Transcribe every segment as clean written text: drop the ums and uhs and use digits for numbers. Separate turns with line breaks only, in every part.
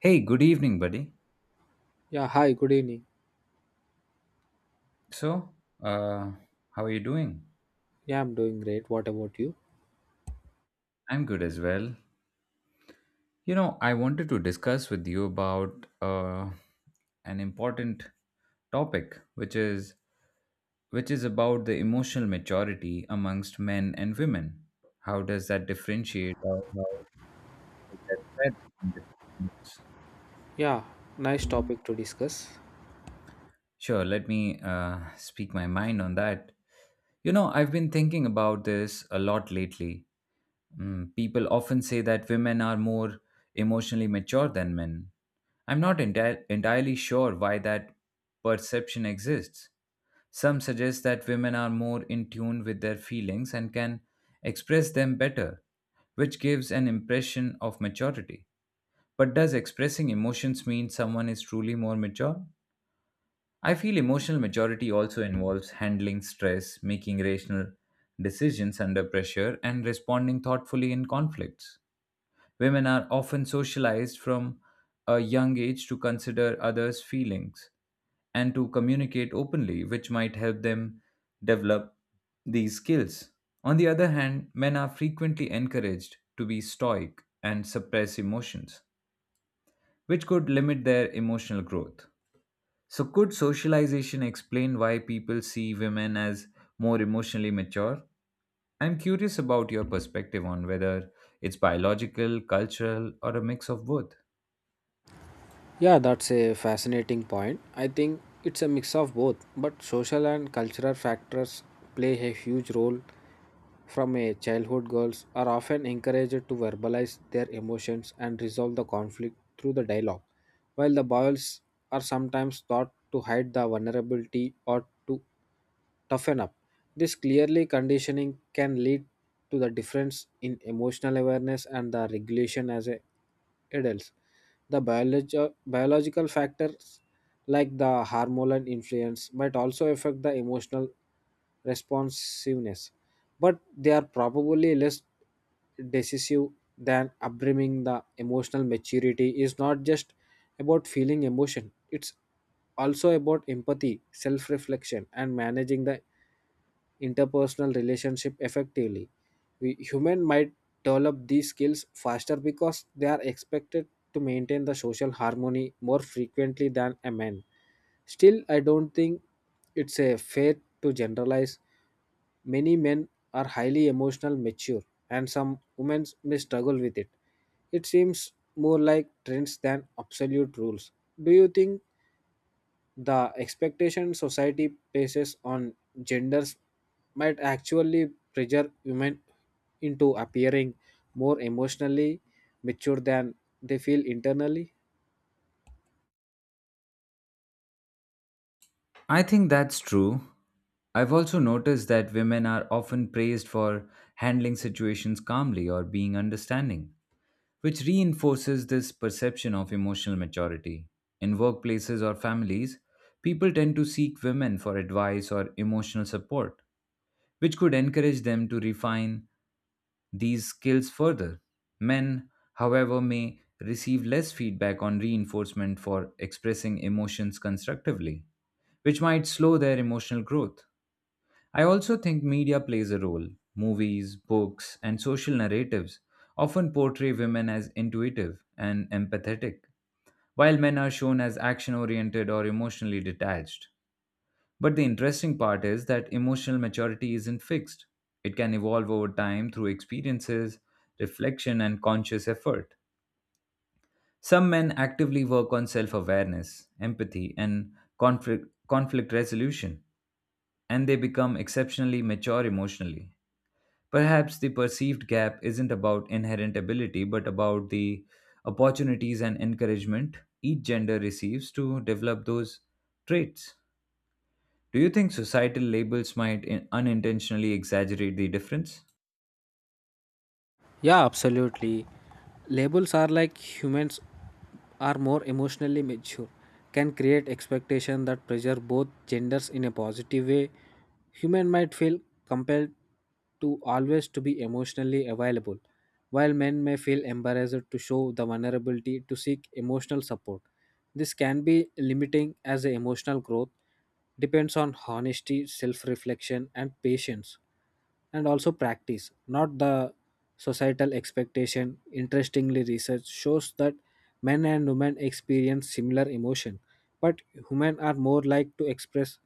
Hey, good evening, buddy.
Yeah, hi, good evening.
So, uh, how are you doing?
Yeah, I'm doing great. What about you?
I'm good as well. You know, I wanted to discuss with you about an important topic, which is about the emotional maturity amongst men and women. How does that differentiate? Or how is that spread between different genders?
Yeah, nice topic to discuss.
Sure, let me speak my mind on that. You know, I've been thinking about this a lot lately. People often say that women are more emotionally mature than men. I'm not entirely sure why that perception exists. Some suggest that women are more in tune with their feelings and can express them better, which gives an impression of maturity. But does expressing emotions mean someone is truly more mature? I feel emotional maturity also involves handling stress, making rational decisions under pressure, and responding thoughtfully in conflicts. Women are often socialized from a young age to consider others' feelings and to communicate openly, which might help them develop these skills. On the other hand, men are frequently encouraged to be stoic and suppress emotions, which could limit their emotional growth. So, could socialization explain why people see women as more emotionally mature? I'm curious about your perspective on whether it's biological, cultural, or a mix of both.
Yeah, that's a fascinating point. I think it's a mix of both, but social and cultural factors play a huge role. From a childhood, girls are often encouraged to verbalize their emotions and resolve the conflict through the dialogue, while the boys are sometimes taught to hide the vulnerability or to toughen up. This clearly conditioning can lead to the difference in emotional awareness and the regulation as a adults. The biological factors like the hormonal influence might also affect the emotional responsiveness, but they are probably less decisive than upbringing. The emotional maturity is not just about feeling emotion; it's also about empathy, self reflection, and managing the interpersonal relationship effectively. We human might develop these skills faster because they are expected to maintain the social harmony more frequently than a man. Still, I don't think it's a fair to generalize. Many men are highly emotional mature and some women may struggle with it. It seems more like trends than absolute rules. Do you think the expectation society places on genders might actually pressure women into appearing more emotionally mature than they feel internally?
I think that's true. I've also noticed that women are often praised for handling situations calmly or being understanding, which reinforces this perception of emotional maturity. In workplaces or families, people tend to seek women for advice or emotional support, which could encourage them to refine these skills further. Men, however, may receive less feedback on reinforcement for expressing emotions constructively, which might slow their emotional growth. I also think media plays a role. Movies, books, and social narratives often portray women as intuitive and empathetic, while men are shown as action oriented or emotionally detached. But the interesting part is that emotional maturity isn't fixed, it can evolve over time through experiences, reflection, and conscious effort. Some men actively work on self awareness, empathy, and conflict resolution, and they become exceptionally mature emotionally. Perhaps the perceived gap isn't about inherent ability, but about the opportunities and encouragement each gender receives to develop those traits. Do you think societal labels might unintentionally exaggerate the difference?
Yeah, absolutely. Labels are like humans are more emotionally mature, can create expectation that pressure both genders in a positive way. Human might feel compelled to always to be emotionally available, while men may feel embarrassed to show the vulnerability to seek emotional support. This can be limiting as the emotional growth depends on honesty, self-reflection, and patience and also practice not the societal expectation. Interestingly, research shows that men and women experience similar emotion, but women are more like to express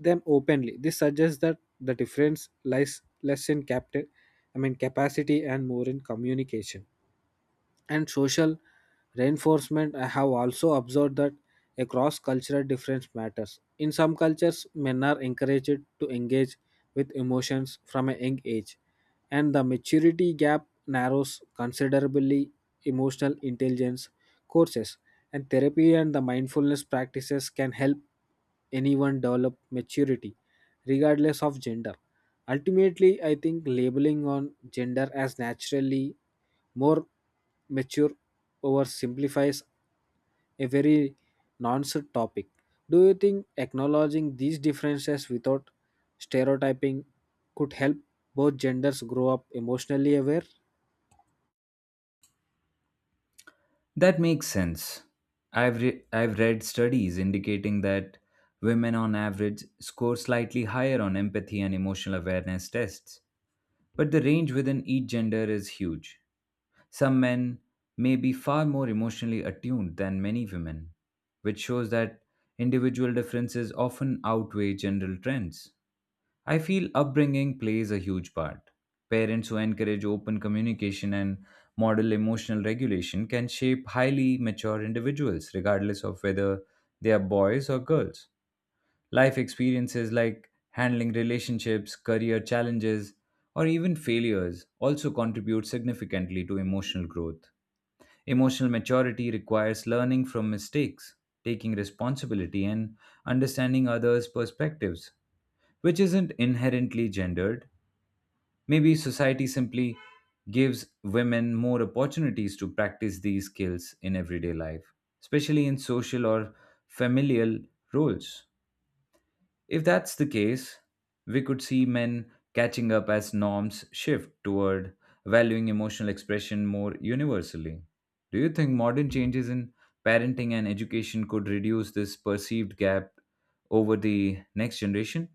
them openly. This suggests that the difference lies less in I mean capacity and more in communication and social reinforcement. I have also observed that across cultural difference matters. In some cultures men are encouraged to engage with emotions from a young age and the maturity gap narrows considerably. Emotional intelligence courses and therapy and the mindfulness practices can help anyone develop maturity regardless of gender. Ultimately, I think labeling on gender as naturally more mature oversimplifies a very nonsense topic. Do you think acknowledging these differences without stereotyping could help both genders grow up emotionally aware?
That makes sense. I've read studies indicating that women on average score slightly higher on empathy and emotional awareness tests, but the range within each gender is huge. Some men may be far more emotionally attuned than many women, which shows that individual differences often outweigh general trends. I feel upbringing plays a huge part. Parents who encourage open communication and model emotional regulation can shape highly mature individuals, regardless of whether they are boys or girls. Life experiences like handling relationships, career challenges, or even failures also contribute significantly to emotional growth. Emotional maturity requires learning from mistakes, taking responsibility, and understanding others' perspectives, which isn't inherently gendered. Maybe society simply gives women more opportunities to practice these skills in everyday life, especially in social or familial roles. If that's the case, we could see men catching up as norms shift toward valuing emotional expression more universally. Do you think modern changes in parenting and education could reduce this perceived gap over the next generation?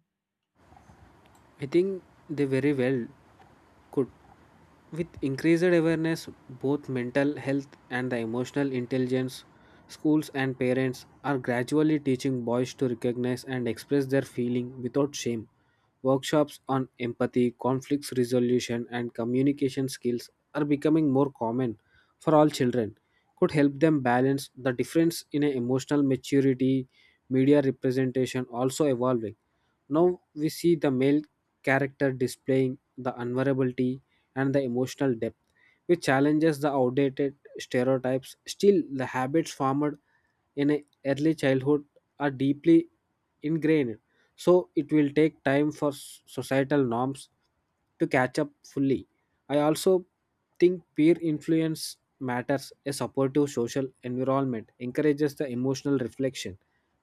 I think they very well could. With increased awareness, both mental health and the emotional intelligence, schools and parents are gradually teaching boys to recognize and express their feeling without shame. Workshops on empathy, conflicts resolution, and communication skills are becoming more common for all children. Could help them balance the difference in a emotional maturity, media representation also evolving. Now we see the male character displaying the vulnerability and the emotional depth, which challenges the outdated stereotypes. Still, the habits formed in a early childhood are deeply ingrained, so it will take time for societal norms to catch up fully. I also think peer influence matters. A supportive social environment encourages the emotional reflection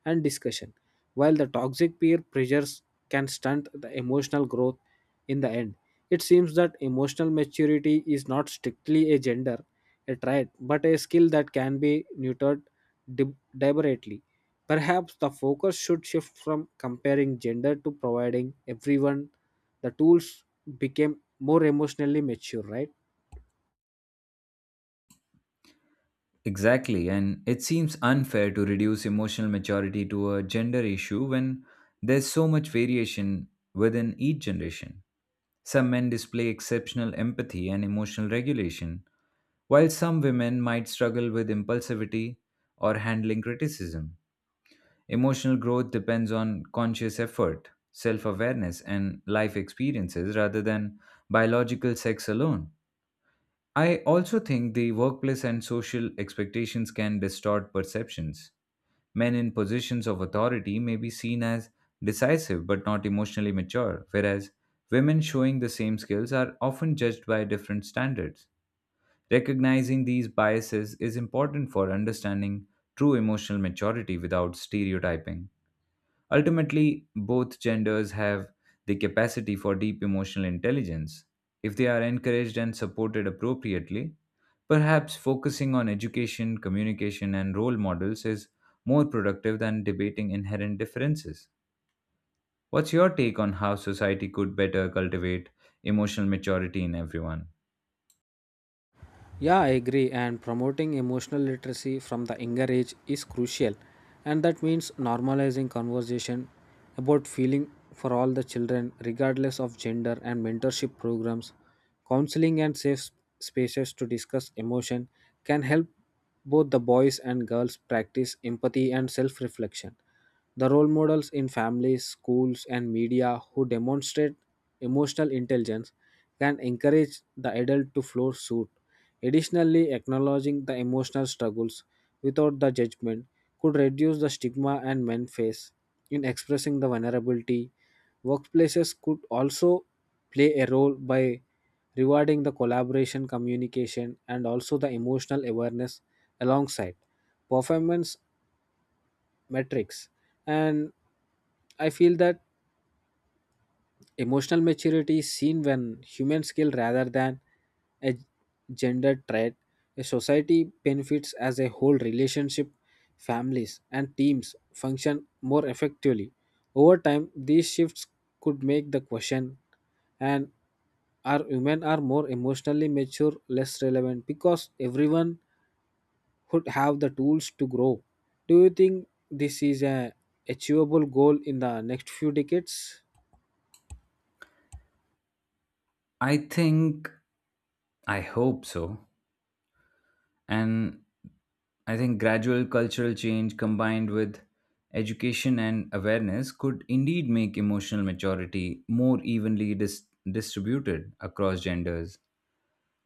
and discussion, while the toxic peer pressures can stunt the emotional growth in the end. It seems that emotional maturity is not strictly a gender, a trait, but a skill that can be neutered deliberately. Perhaps the focus should shift from comparing gender to providing everyone the tools became more emotionally mature, right?
Exactly, and it seems unfair to reduce emotional maturity to a gender issue when there's so much variation within each generation. Some men display exceptional empathy and emotional regulation, while some women might struggle with impulsivity or handling criticism. Emotional growth depends on conscious effort, self awareness, and life experiences rather than biological sex alone. I also think the workplace and social expectations can distort perceptions. Men in positions of authority may be seen as decisive but not emotionally mature, whereas women showing the same skills are often judged by different standards. Recognizing these biases is important for understanding true emotional maturity without stereotyping. Ultimately, both genders have the capacity for deep emotional intelligence. If they are encouraged and supported appropriately, perhaps focusing on education, communication, and role models is more productive than debating inherent differences. What's your take on how society could better cultivate emotional maturity in everyone?
Yeah, I agree. And promoting emotional literacy from the younger age is crucial. And that means normalizing conversation about feeling for all the children, regardless of gender, and mentorship programs, counseling, and safe spaces to discuss emotion can help both the boys and girls practice empathy and self reflection. The role models in families, schools, and media who demonstrate emotional intelligence can encourage the adult to follow suit. Additionally, acknowledging the emotional struggles without the judgment could reduce the stigma and men face in expressing the vulnerability. Workplaces could also play a role by rewarding the collaboration, communication, and also the emotional awareness alongside performance metrics. And I feel that emotional maturity is seen when human skill rather than a gender trait. A society benefits as a whole relationship, families and teams function more effectively. Over time, these shifts could make the question and are women are more emotionally mature less relevant because everyone would have the tools to grow. Do you think this is a achievable goal in the next few decades?
I think, I hope so. And I think gradual cultural change combined with education and awareness could indeed make emotional maturity more evenly distributed across genders.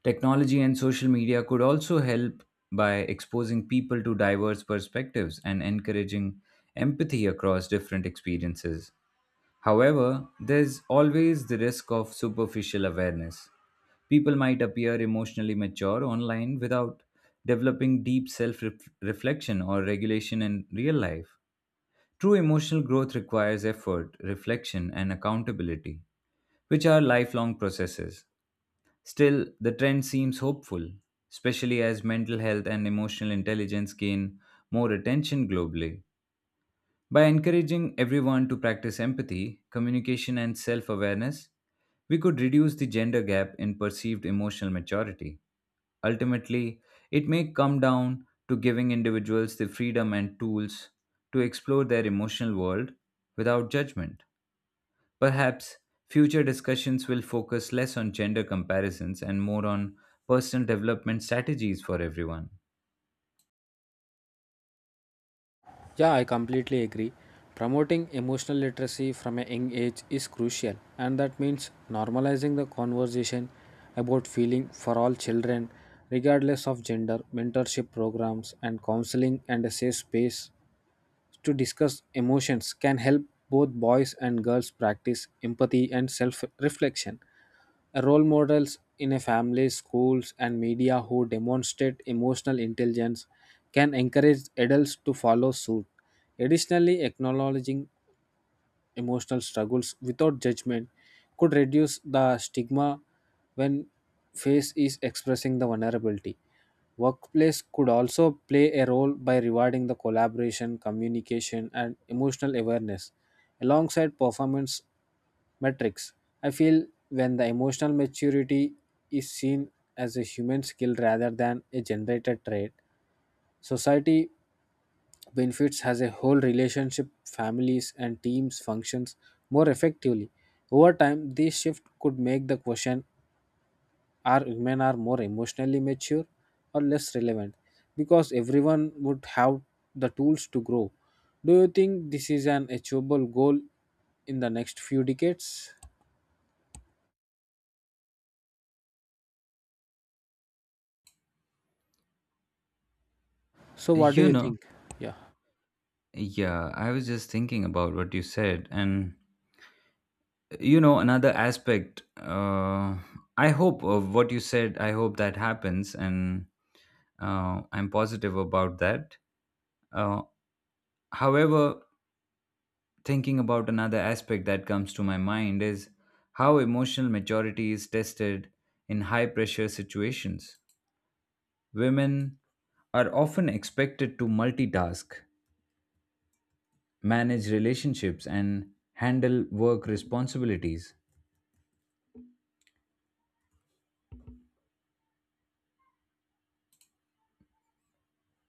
Technology and social media could also help by exposing people to diverse perspectives and encouraging empathy across different experiences. However, there's always the risk of superficial awareness. People might appear emotionally mature online without developing deep self reflection or regulation in real life. True emotional growth requires effort, reflection, and accountability, which are lifelong processes. Still, the trend seems hopeful, especially as mental health and emotional intelligence gain more attention globally. By encouraging everyone to practice empathy, communication, and self awareness, we could reduce the gender gap in perceived emotional maturity. Ultimately, it may come down to giving individuals the freedom and tools to explore their emotional world without judgment. Perhaps future discussions will focus less on gender comparisons and more on personal development strategies for everyone.
Yeah, I completely agree. Promoting emotional literacy from a young age is crucial, and that means normalizing the conversation about feeling for all children, regardless of gender, mentorship programs, and counseling, and a safe space to discuss emotions can help both boys and girls practice empathy and self reflection. Role models in a family, schools, and media who demonstrate emotional intelligence can encourage adults to follow suit. Additionally, acknowledging emotional struggles without judgment could reduce the stigma when face is expressing the vulnerability. Workplace could also play a role by rewarding the collaboration, communication, and emotional awareness alongside performance metrics. I feel when the emotional maturity is seen as a human skill rather than a generated trait, society benefits as a whole relationship families and teams functions more effectively. Over time this shift could make the question are women are more emotionally mature or less relevant because everyone would have the tools to grow. Do you think this is an achievable goal in the next few decades? So what do
You
you
know,
think?
yeah, I was just thinking about what you said, and you know another aspect I hope of what you said. I hope that happens. And I'm positive about that. Uh, however thinking about another aspect that comes to my mind is how emotional maturity is tested in high pressure situations. Women are often expected to multitask, manage relationships, and handle work responsibilities.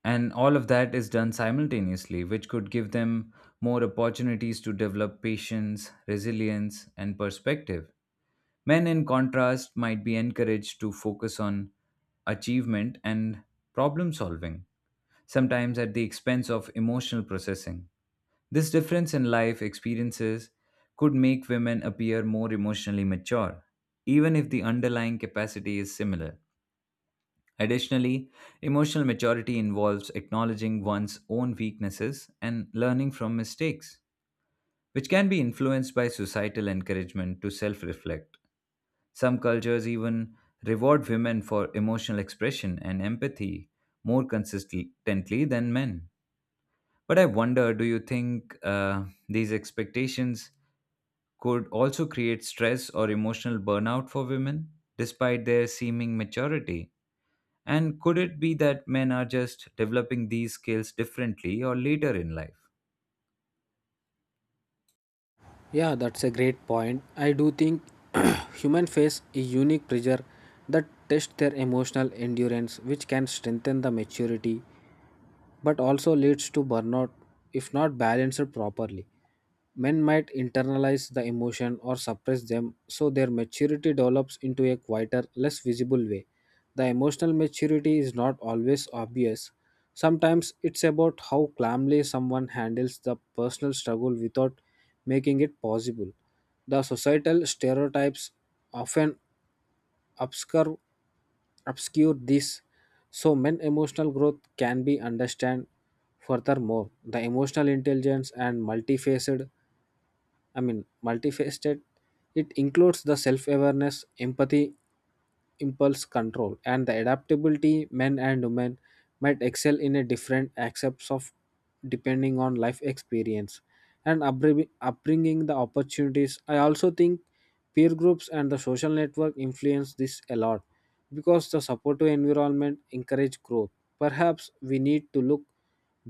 And all of that is done simultaneously, which could give them more opportunities to develop patience, resilience, and perspective. Men, in contrast, might be encouraged to focus on achievement and problem solving, sometimes at the expense of emotional processing. This difference in life experiences could make women appear more emotionally mature, even if the underlying capacity is similar. Additionally, emotional maturity involves acknowledging one's own weaknesses and learning from mistakes, which can be influenced by societal encouragement to self reflect. Some cultures even reward women for emotional expression and empathy more consistently than men. But I wonder, do you think these expectations could also create stress or emotional burnout for women, despite their seeming maturity? And could it be that men are just developing these skills differently or later in life?
Yeah, that's a great point. I do think human face a unique pressure that tests their emotional endurance, which can strengthen the maturity, but also leads to burnout if not balanced properly. Men might internalize the emotion or suppress them, so their maturity develops into a quieter, less visible way. The emotional maturity is not always obvious. Sometimes it's about how calmly someone handles the personal struggle without making it possible. The societal stereotypes often obscure, obscure this, so men emotional growth can be understood. Furthermore, the emotional intelligence and I mean multifaceted, it includes the self-awareness, empathy, impulse control and the adaptability. Men and women might excel in a different aspects of depending on life experience and upbringing the opportunities. I also think peer groups and the social network influence this a lot because the supportive environment encourage growth. Perhaps we need to look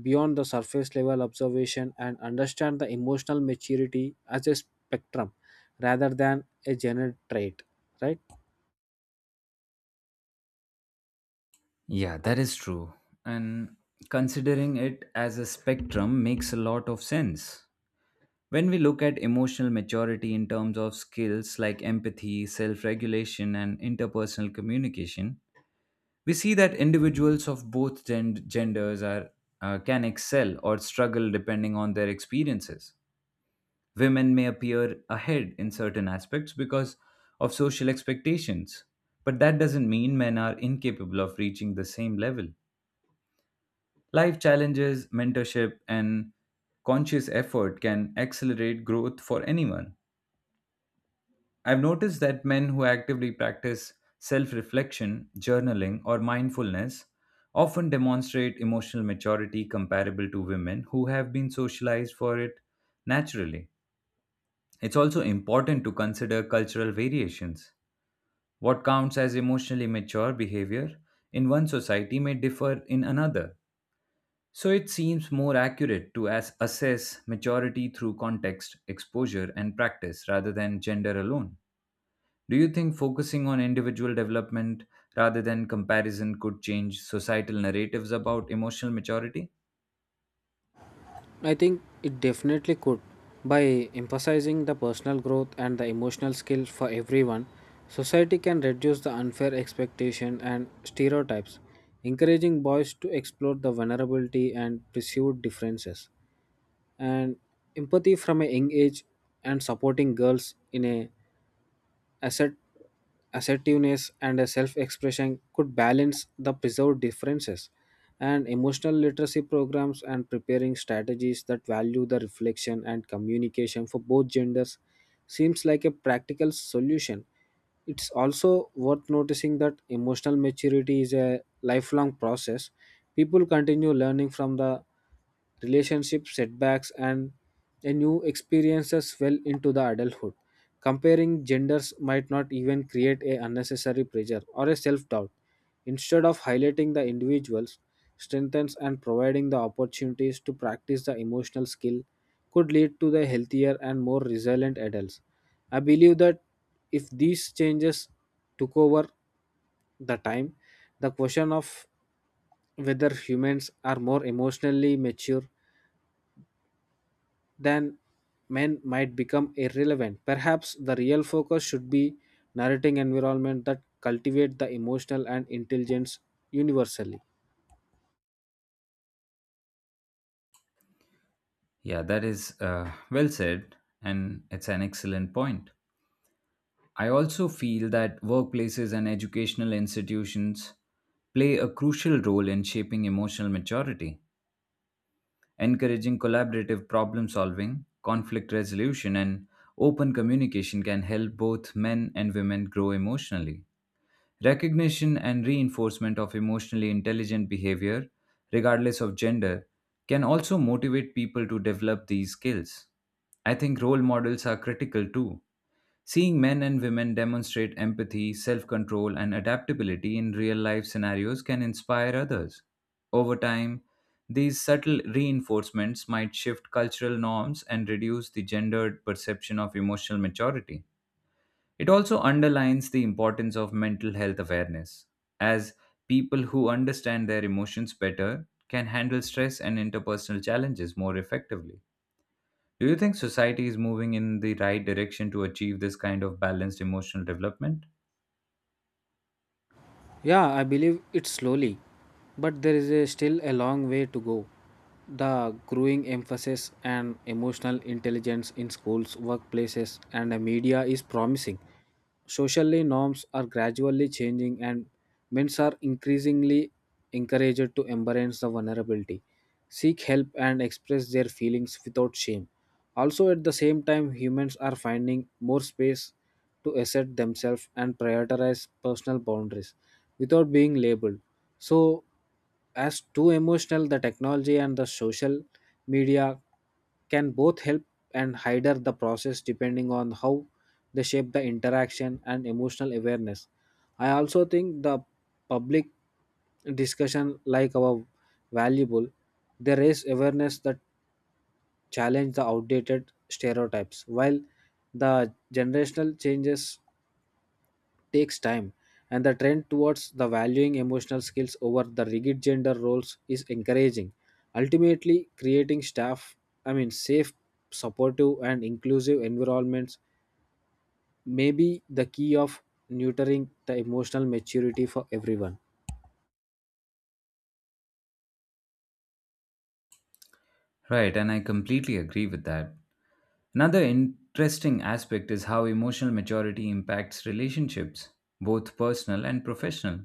beyond the surface level observation and understand the emotional maturity as a spectrum rather than a general trait, right?
Yeah, that is true. And considering it as a spectrum makes a lot of sense. When we look at emotional maturity in terms of skills like empathy, self regulation, and interpersonal communication, we see that individuals of both genders can excel or struggle depending on their experiences. Women may appear ahead in certain aspects because of social expectations, but that doesn't mean men are incapable of reaching the same level. Life challenges, mentorship, and conscious effort can accelerate growth for anyone. I've noticed that men who actively practice self reflection, journaling, or mindfulness often demonstrate emotional maturity comparable to women who have been socialized for it naturally. It's also important to consider cultural variations. What counts as emotionally mature behavior in one society may differ in another. So it seems more accurate to assess maturity through context, exposure, and practice rather than gender alone. Do you think focusing on individual development rather than comparison could change societal narratives about emotional maturity?
I think it definitely could. By emphasizing the personal growth and the emotional skills for everyone, society can reduce the unfair expectation and stereotypes, encouraging boys to explore the vulnerability and pursue differences. And empathy from a young age and supporting girls in a assert assertiveness and a self-expression could balance the preserved differences and emotional literacy programs and preparing strategies that value the reflection and communication for both genders seems like a practical solution. It's also worth noticing that emotional maturity is a lifelong process. People continue learning from the relationship setbacks and a new experiences well into the adulthood. Comparing genders might not even create a unnecessary pressure or a self doubt. Instead of highlighting the individuals, strengthens and providing the opportunities to practice the emotional skill could lead to the healthier and more resilient adults. I believe that if these changes took over the time, the question of whether humans are more emotionally mature than men might become irrelevant. Perhaps the real focus should be narrating environment that cultivate the emotional and intelligence universally.
Yeah, that is well said, and it's an excellent point. I also feel that workplaces and educational institutions play a crucial role in shaping emotional maturity, encouraging collaborative problem solving, conflict resolution, and open communication can help both men and women grow emotionally. Recognition and reinforcement of emotionally intelligent behavior, regardless of gender, can also motivate people to develop these skills. I think role models are critical too. Seeing men and women demonstrate empathy, self control, and adaptability in real life scenarios can inspire others. Over time, these subtle reinforcements might shift cultural norms and reduce the gendered perception of emotional maturity. It also underlines the importance of mental health awareness, as people who understand their emotions better can handle stress and interpersonal challenges more effectively. Do you think society is moving in the right direction to achieve this kind of balanced emotional development?
Yeah, I believe it slowly, but there is a still a long way to go. The growing emphasis on emotional intelligence in schools, workplaces, and the media is promising. Socially, norms are gradually changing, and men are increasingly encouraged to embrace the vulnerability, seek help, and express their feelings without shame. Also, at the same time, humans are finding more space to assert themselves and prioritize personal boundaries without being labeled. So, as too emotional, the technology and the social media can both help and hinder the process depending on how they shape the interaction and emotional awareness. I also think the public discussion like our valuable, they raise awareness that challenge the outdated stereotypes, while the generational changes takes time, and the trend towards the valuing emotional skills over the rigid gender roles is encouraging. Ultimately, creating I mean, safe, supportive, and inclusive environments may be the key of nurturing the emotional maturity for everyone.
Right, and I completely agree with that. Another interesting aspect is how emotional maturity impacts relationships, both personal and professional.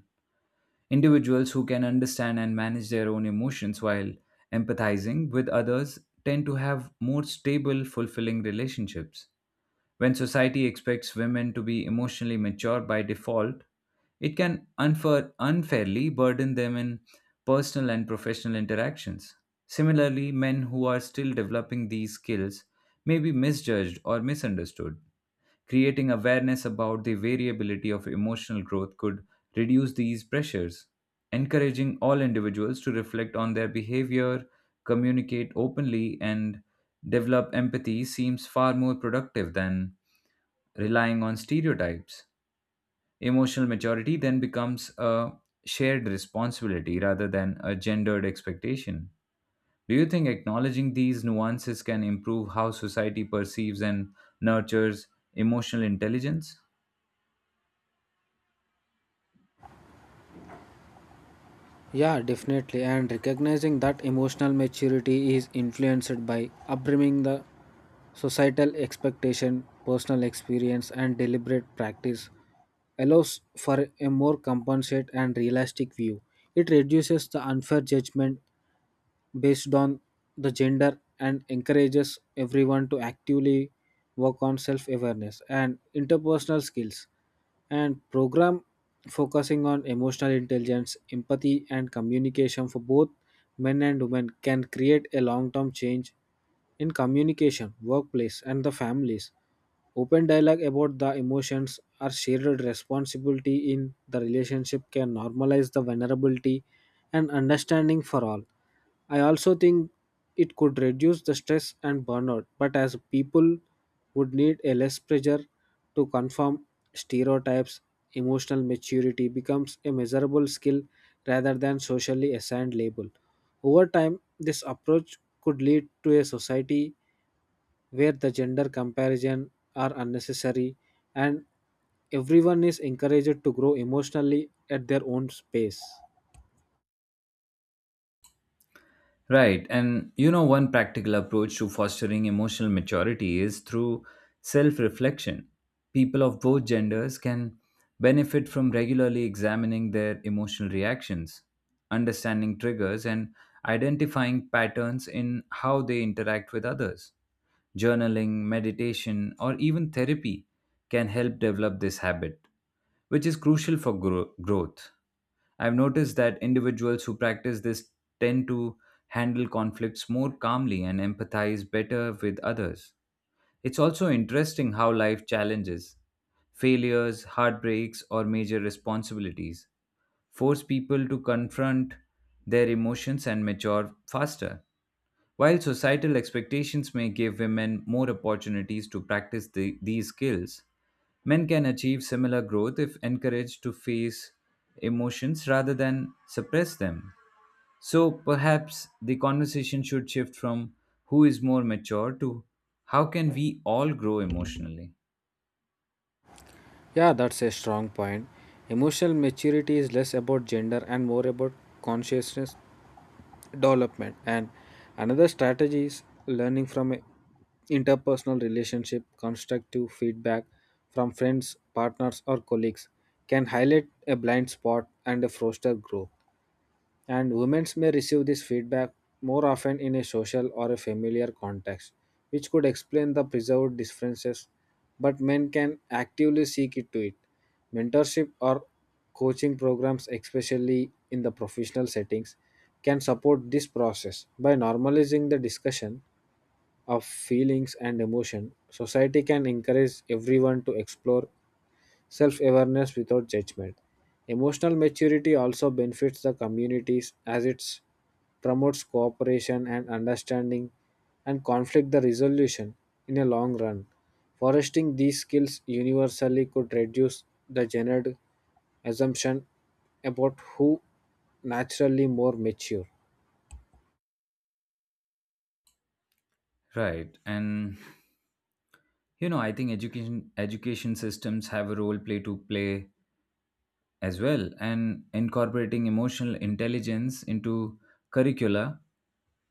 Individuals who can understand and manage their own emotions while empathizing with others tend to have more stable, fulfilling relationships. When society expects women to be emotionally mature by default, it can unfairly burden them in personal and professional interactions. Similarly, men who are still developing these skills may be misjudged or misunderstood. Creating awareness about the variability of emotional growth could reduce these pressures. Encouraging all individuals to reflect on their behavior, communicate openly, and develop empathy seems far more productive than relying on stereotypes. Emotional maturity then becomes a shared responsibility rather than a gendered expectation. Do you think acknowledging these nuances can improve how society perceives and nurtures emotional intelligence?
Yeah, definitely. And recognizing that emotional maturity is influenced by upbringing, the societal expectation, personal experience, and deliberate practice allows for a more compensate and realistic view. It reduces the unfair judgment based on the gender and encourages everyone to actively work on self awareness and interpersonal skills. And program focusing on emotional intelligence, empathy, and communication for both men and women can create a long term change in communication, workplace, and the families. Open dialogue about the emotions or shared responsibility in the relationship can normalize the vulnerability and understanding for all. I also think it could reduce the stress and burnout, but as people would need a less pressure to conform stereotypes, emotional maturity becomes a measurable skill rather than socially assigned label. Over time, this approach could lead to a society where the gender comparison are unnecessary and everyone is encouraged to grow emotionally at their own pace.
Right. And you know, one practical approach to fostering emotional maturity is through self reflection. People of both genders can benefit from regularly examining their emotional reactions, understanding triggers, and identifying patterns in how they interact with others. Journaling, meditation, or even therapy can help develop this habit, which is crucial for growth. I've noticed that individuals who practice this tend to handle conflicts more calmly and empathize better with others. It's also interesting how life challenges, failures, heartbreaks, or major responsibilities force people to confront their emotions and mature faster. While societal expectations may give women more opportunities to practice these skills, men can achieve similar growth if encouraged to face emotions rather than suppress them. So perhaps the conversation should shift from who is more mature to how can we all grow emotionally?
Yeah, that's a strong point. Emotional maturity is less about gender and more about consciousness development. And another strategy is learning from a interpersonal relationship. Constructive feedback from friends, partners, or colleagues can highlight a blind spot and foster growth. And women may receive this feedback more often in a social or a familiar context, which could explain the preserved differences, but men can actively seek it to it. Mentorship or coaching programs, especially in the professional settings, can support this process. By normalizing the discussion of feelings and emotion, society can encourage everyone to explore self awareness without judgment. Emotional maturity also benefits the communities as it promotes cooperation and understanding and conflict the resolution in a long run. Foresting these skills universally could reduce the gendered assumption about who naturally more mature.
Right. And you know, I think education systems have a role play to play as well, and incorporating emotional intelligence into curricula,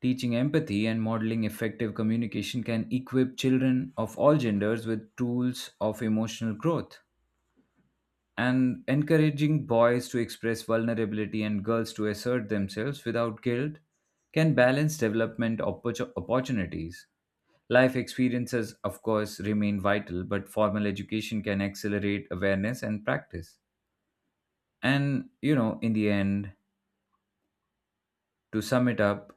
teaching empathy and modeling effective communication can equip children of all genders with tools of emotional growth, and encouraging boys to express vulnerability and girls to assert themselves without guilt can balance development opportunities. Life experiences of course remain vital, but formal education can accelerate awareness and practice. And you know, in the end, to sum it up,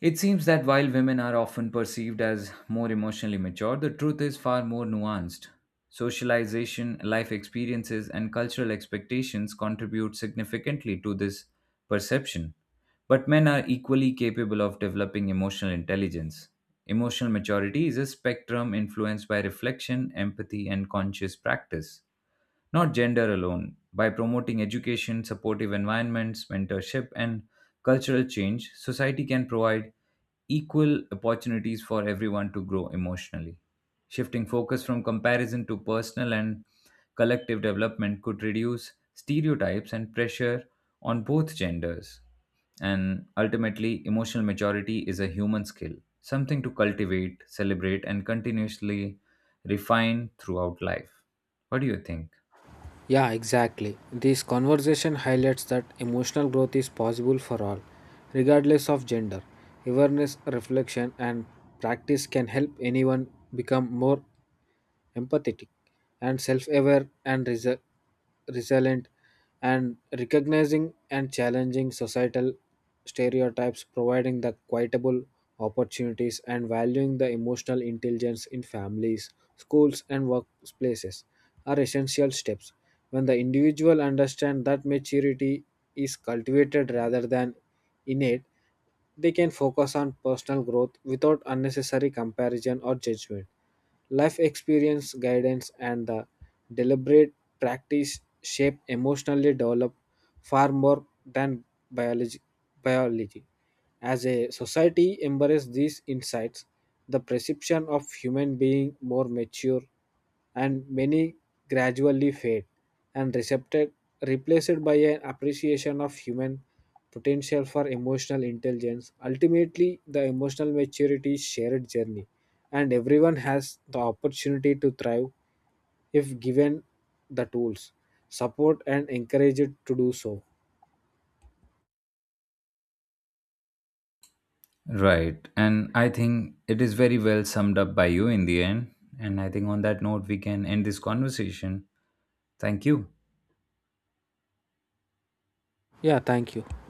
it seems that while women are often perceived as more emotionally mature, the truth is far more nuanced. Socialization, life experiences, and cultural expectations contribute significantly to this perception. But men are equally capable of developing emotional intelligence. Emotional maturity is a spectrum influenced by reflection, empathy, and conscious practice, not gender alone. By promoting education, supportive environments, mentorship, and cultural change, society can provide equal opportunities for everyone to grow emotionally. Shifting focus from comparison to personal and collective development could reduce stereotypes and pressure on both genders. And ultimately, emotional maturity is a human skill, something to cultivate, celebrate, and continuously refine throughout life. What do you think?
Yeah, exactly. This conversation highlights that emotional growth is possible for all, regardless of gender. Awareness, reflection, and practice can help anyone become more empathetic, and self aware and resilient, and recognizing and challenging societal stereotypes, providing the quotable opportunities, and valuing the emotional intelligence in families, schools, and workplaces are essential steps. When the individual understands that maturity is cultivated rather than innate, they can focus on personal growth without unnecessary comparison or judgment. Life experience, guidance, and the deliberate practice shape emotionally develop far more than biology. biology. As a society embraces these insights, the perception of human being more mature and many gradually fade and recepted, replaced by an appreciation of human potential for emotional intelligence. Ultimately, the emotional maturity is shared journey, and everyone has the opportunity to thrive if given the tools, support, and encouraged to do so.
Right. And I think it is very well summed up by you in the end. And I think on that note, we can end this conversation. Thank you.
Yeah, thank you.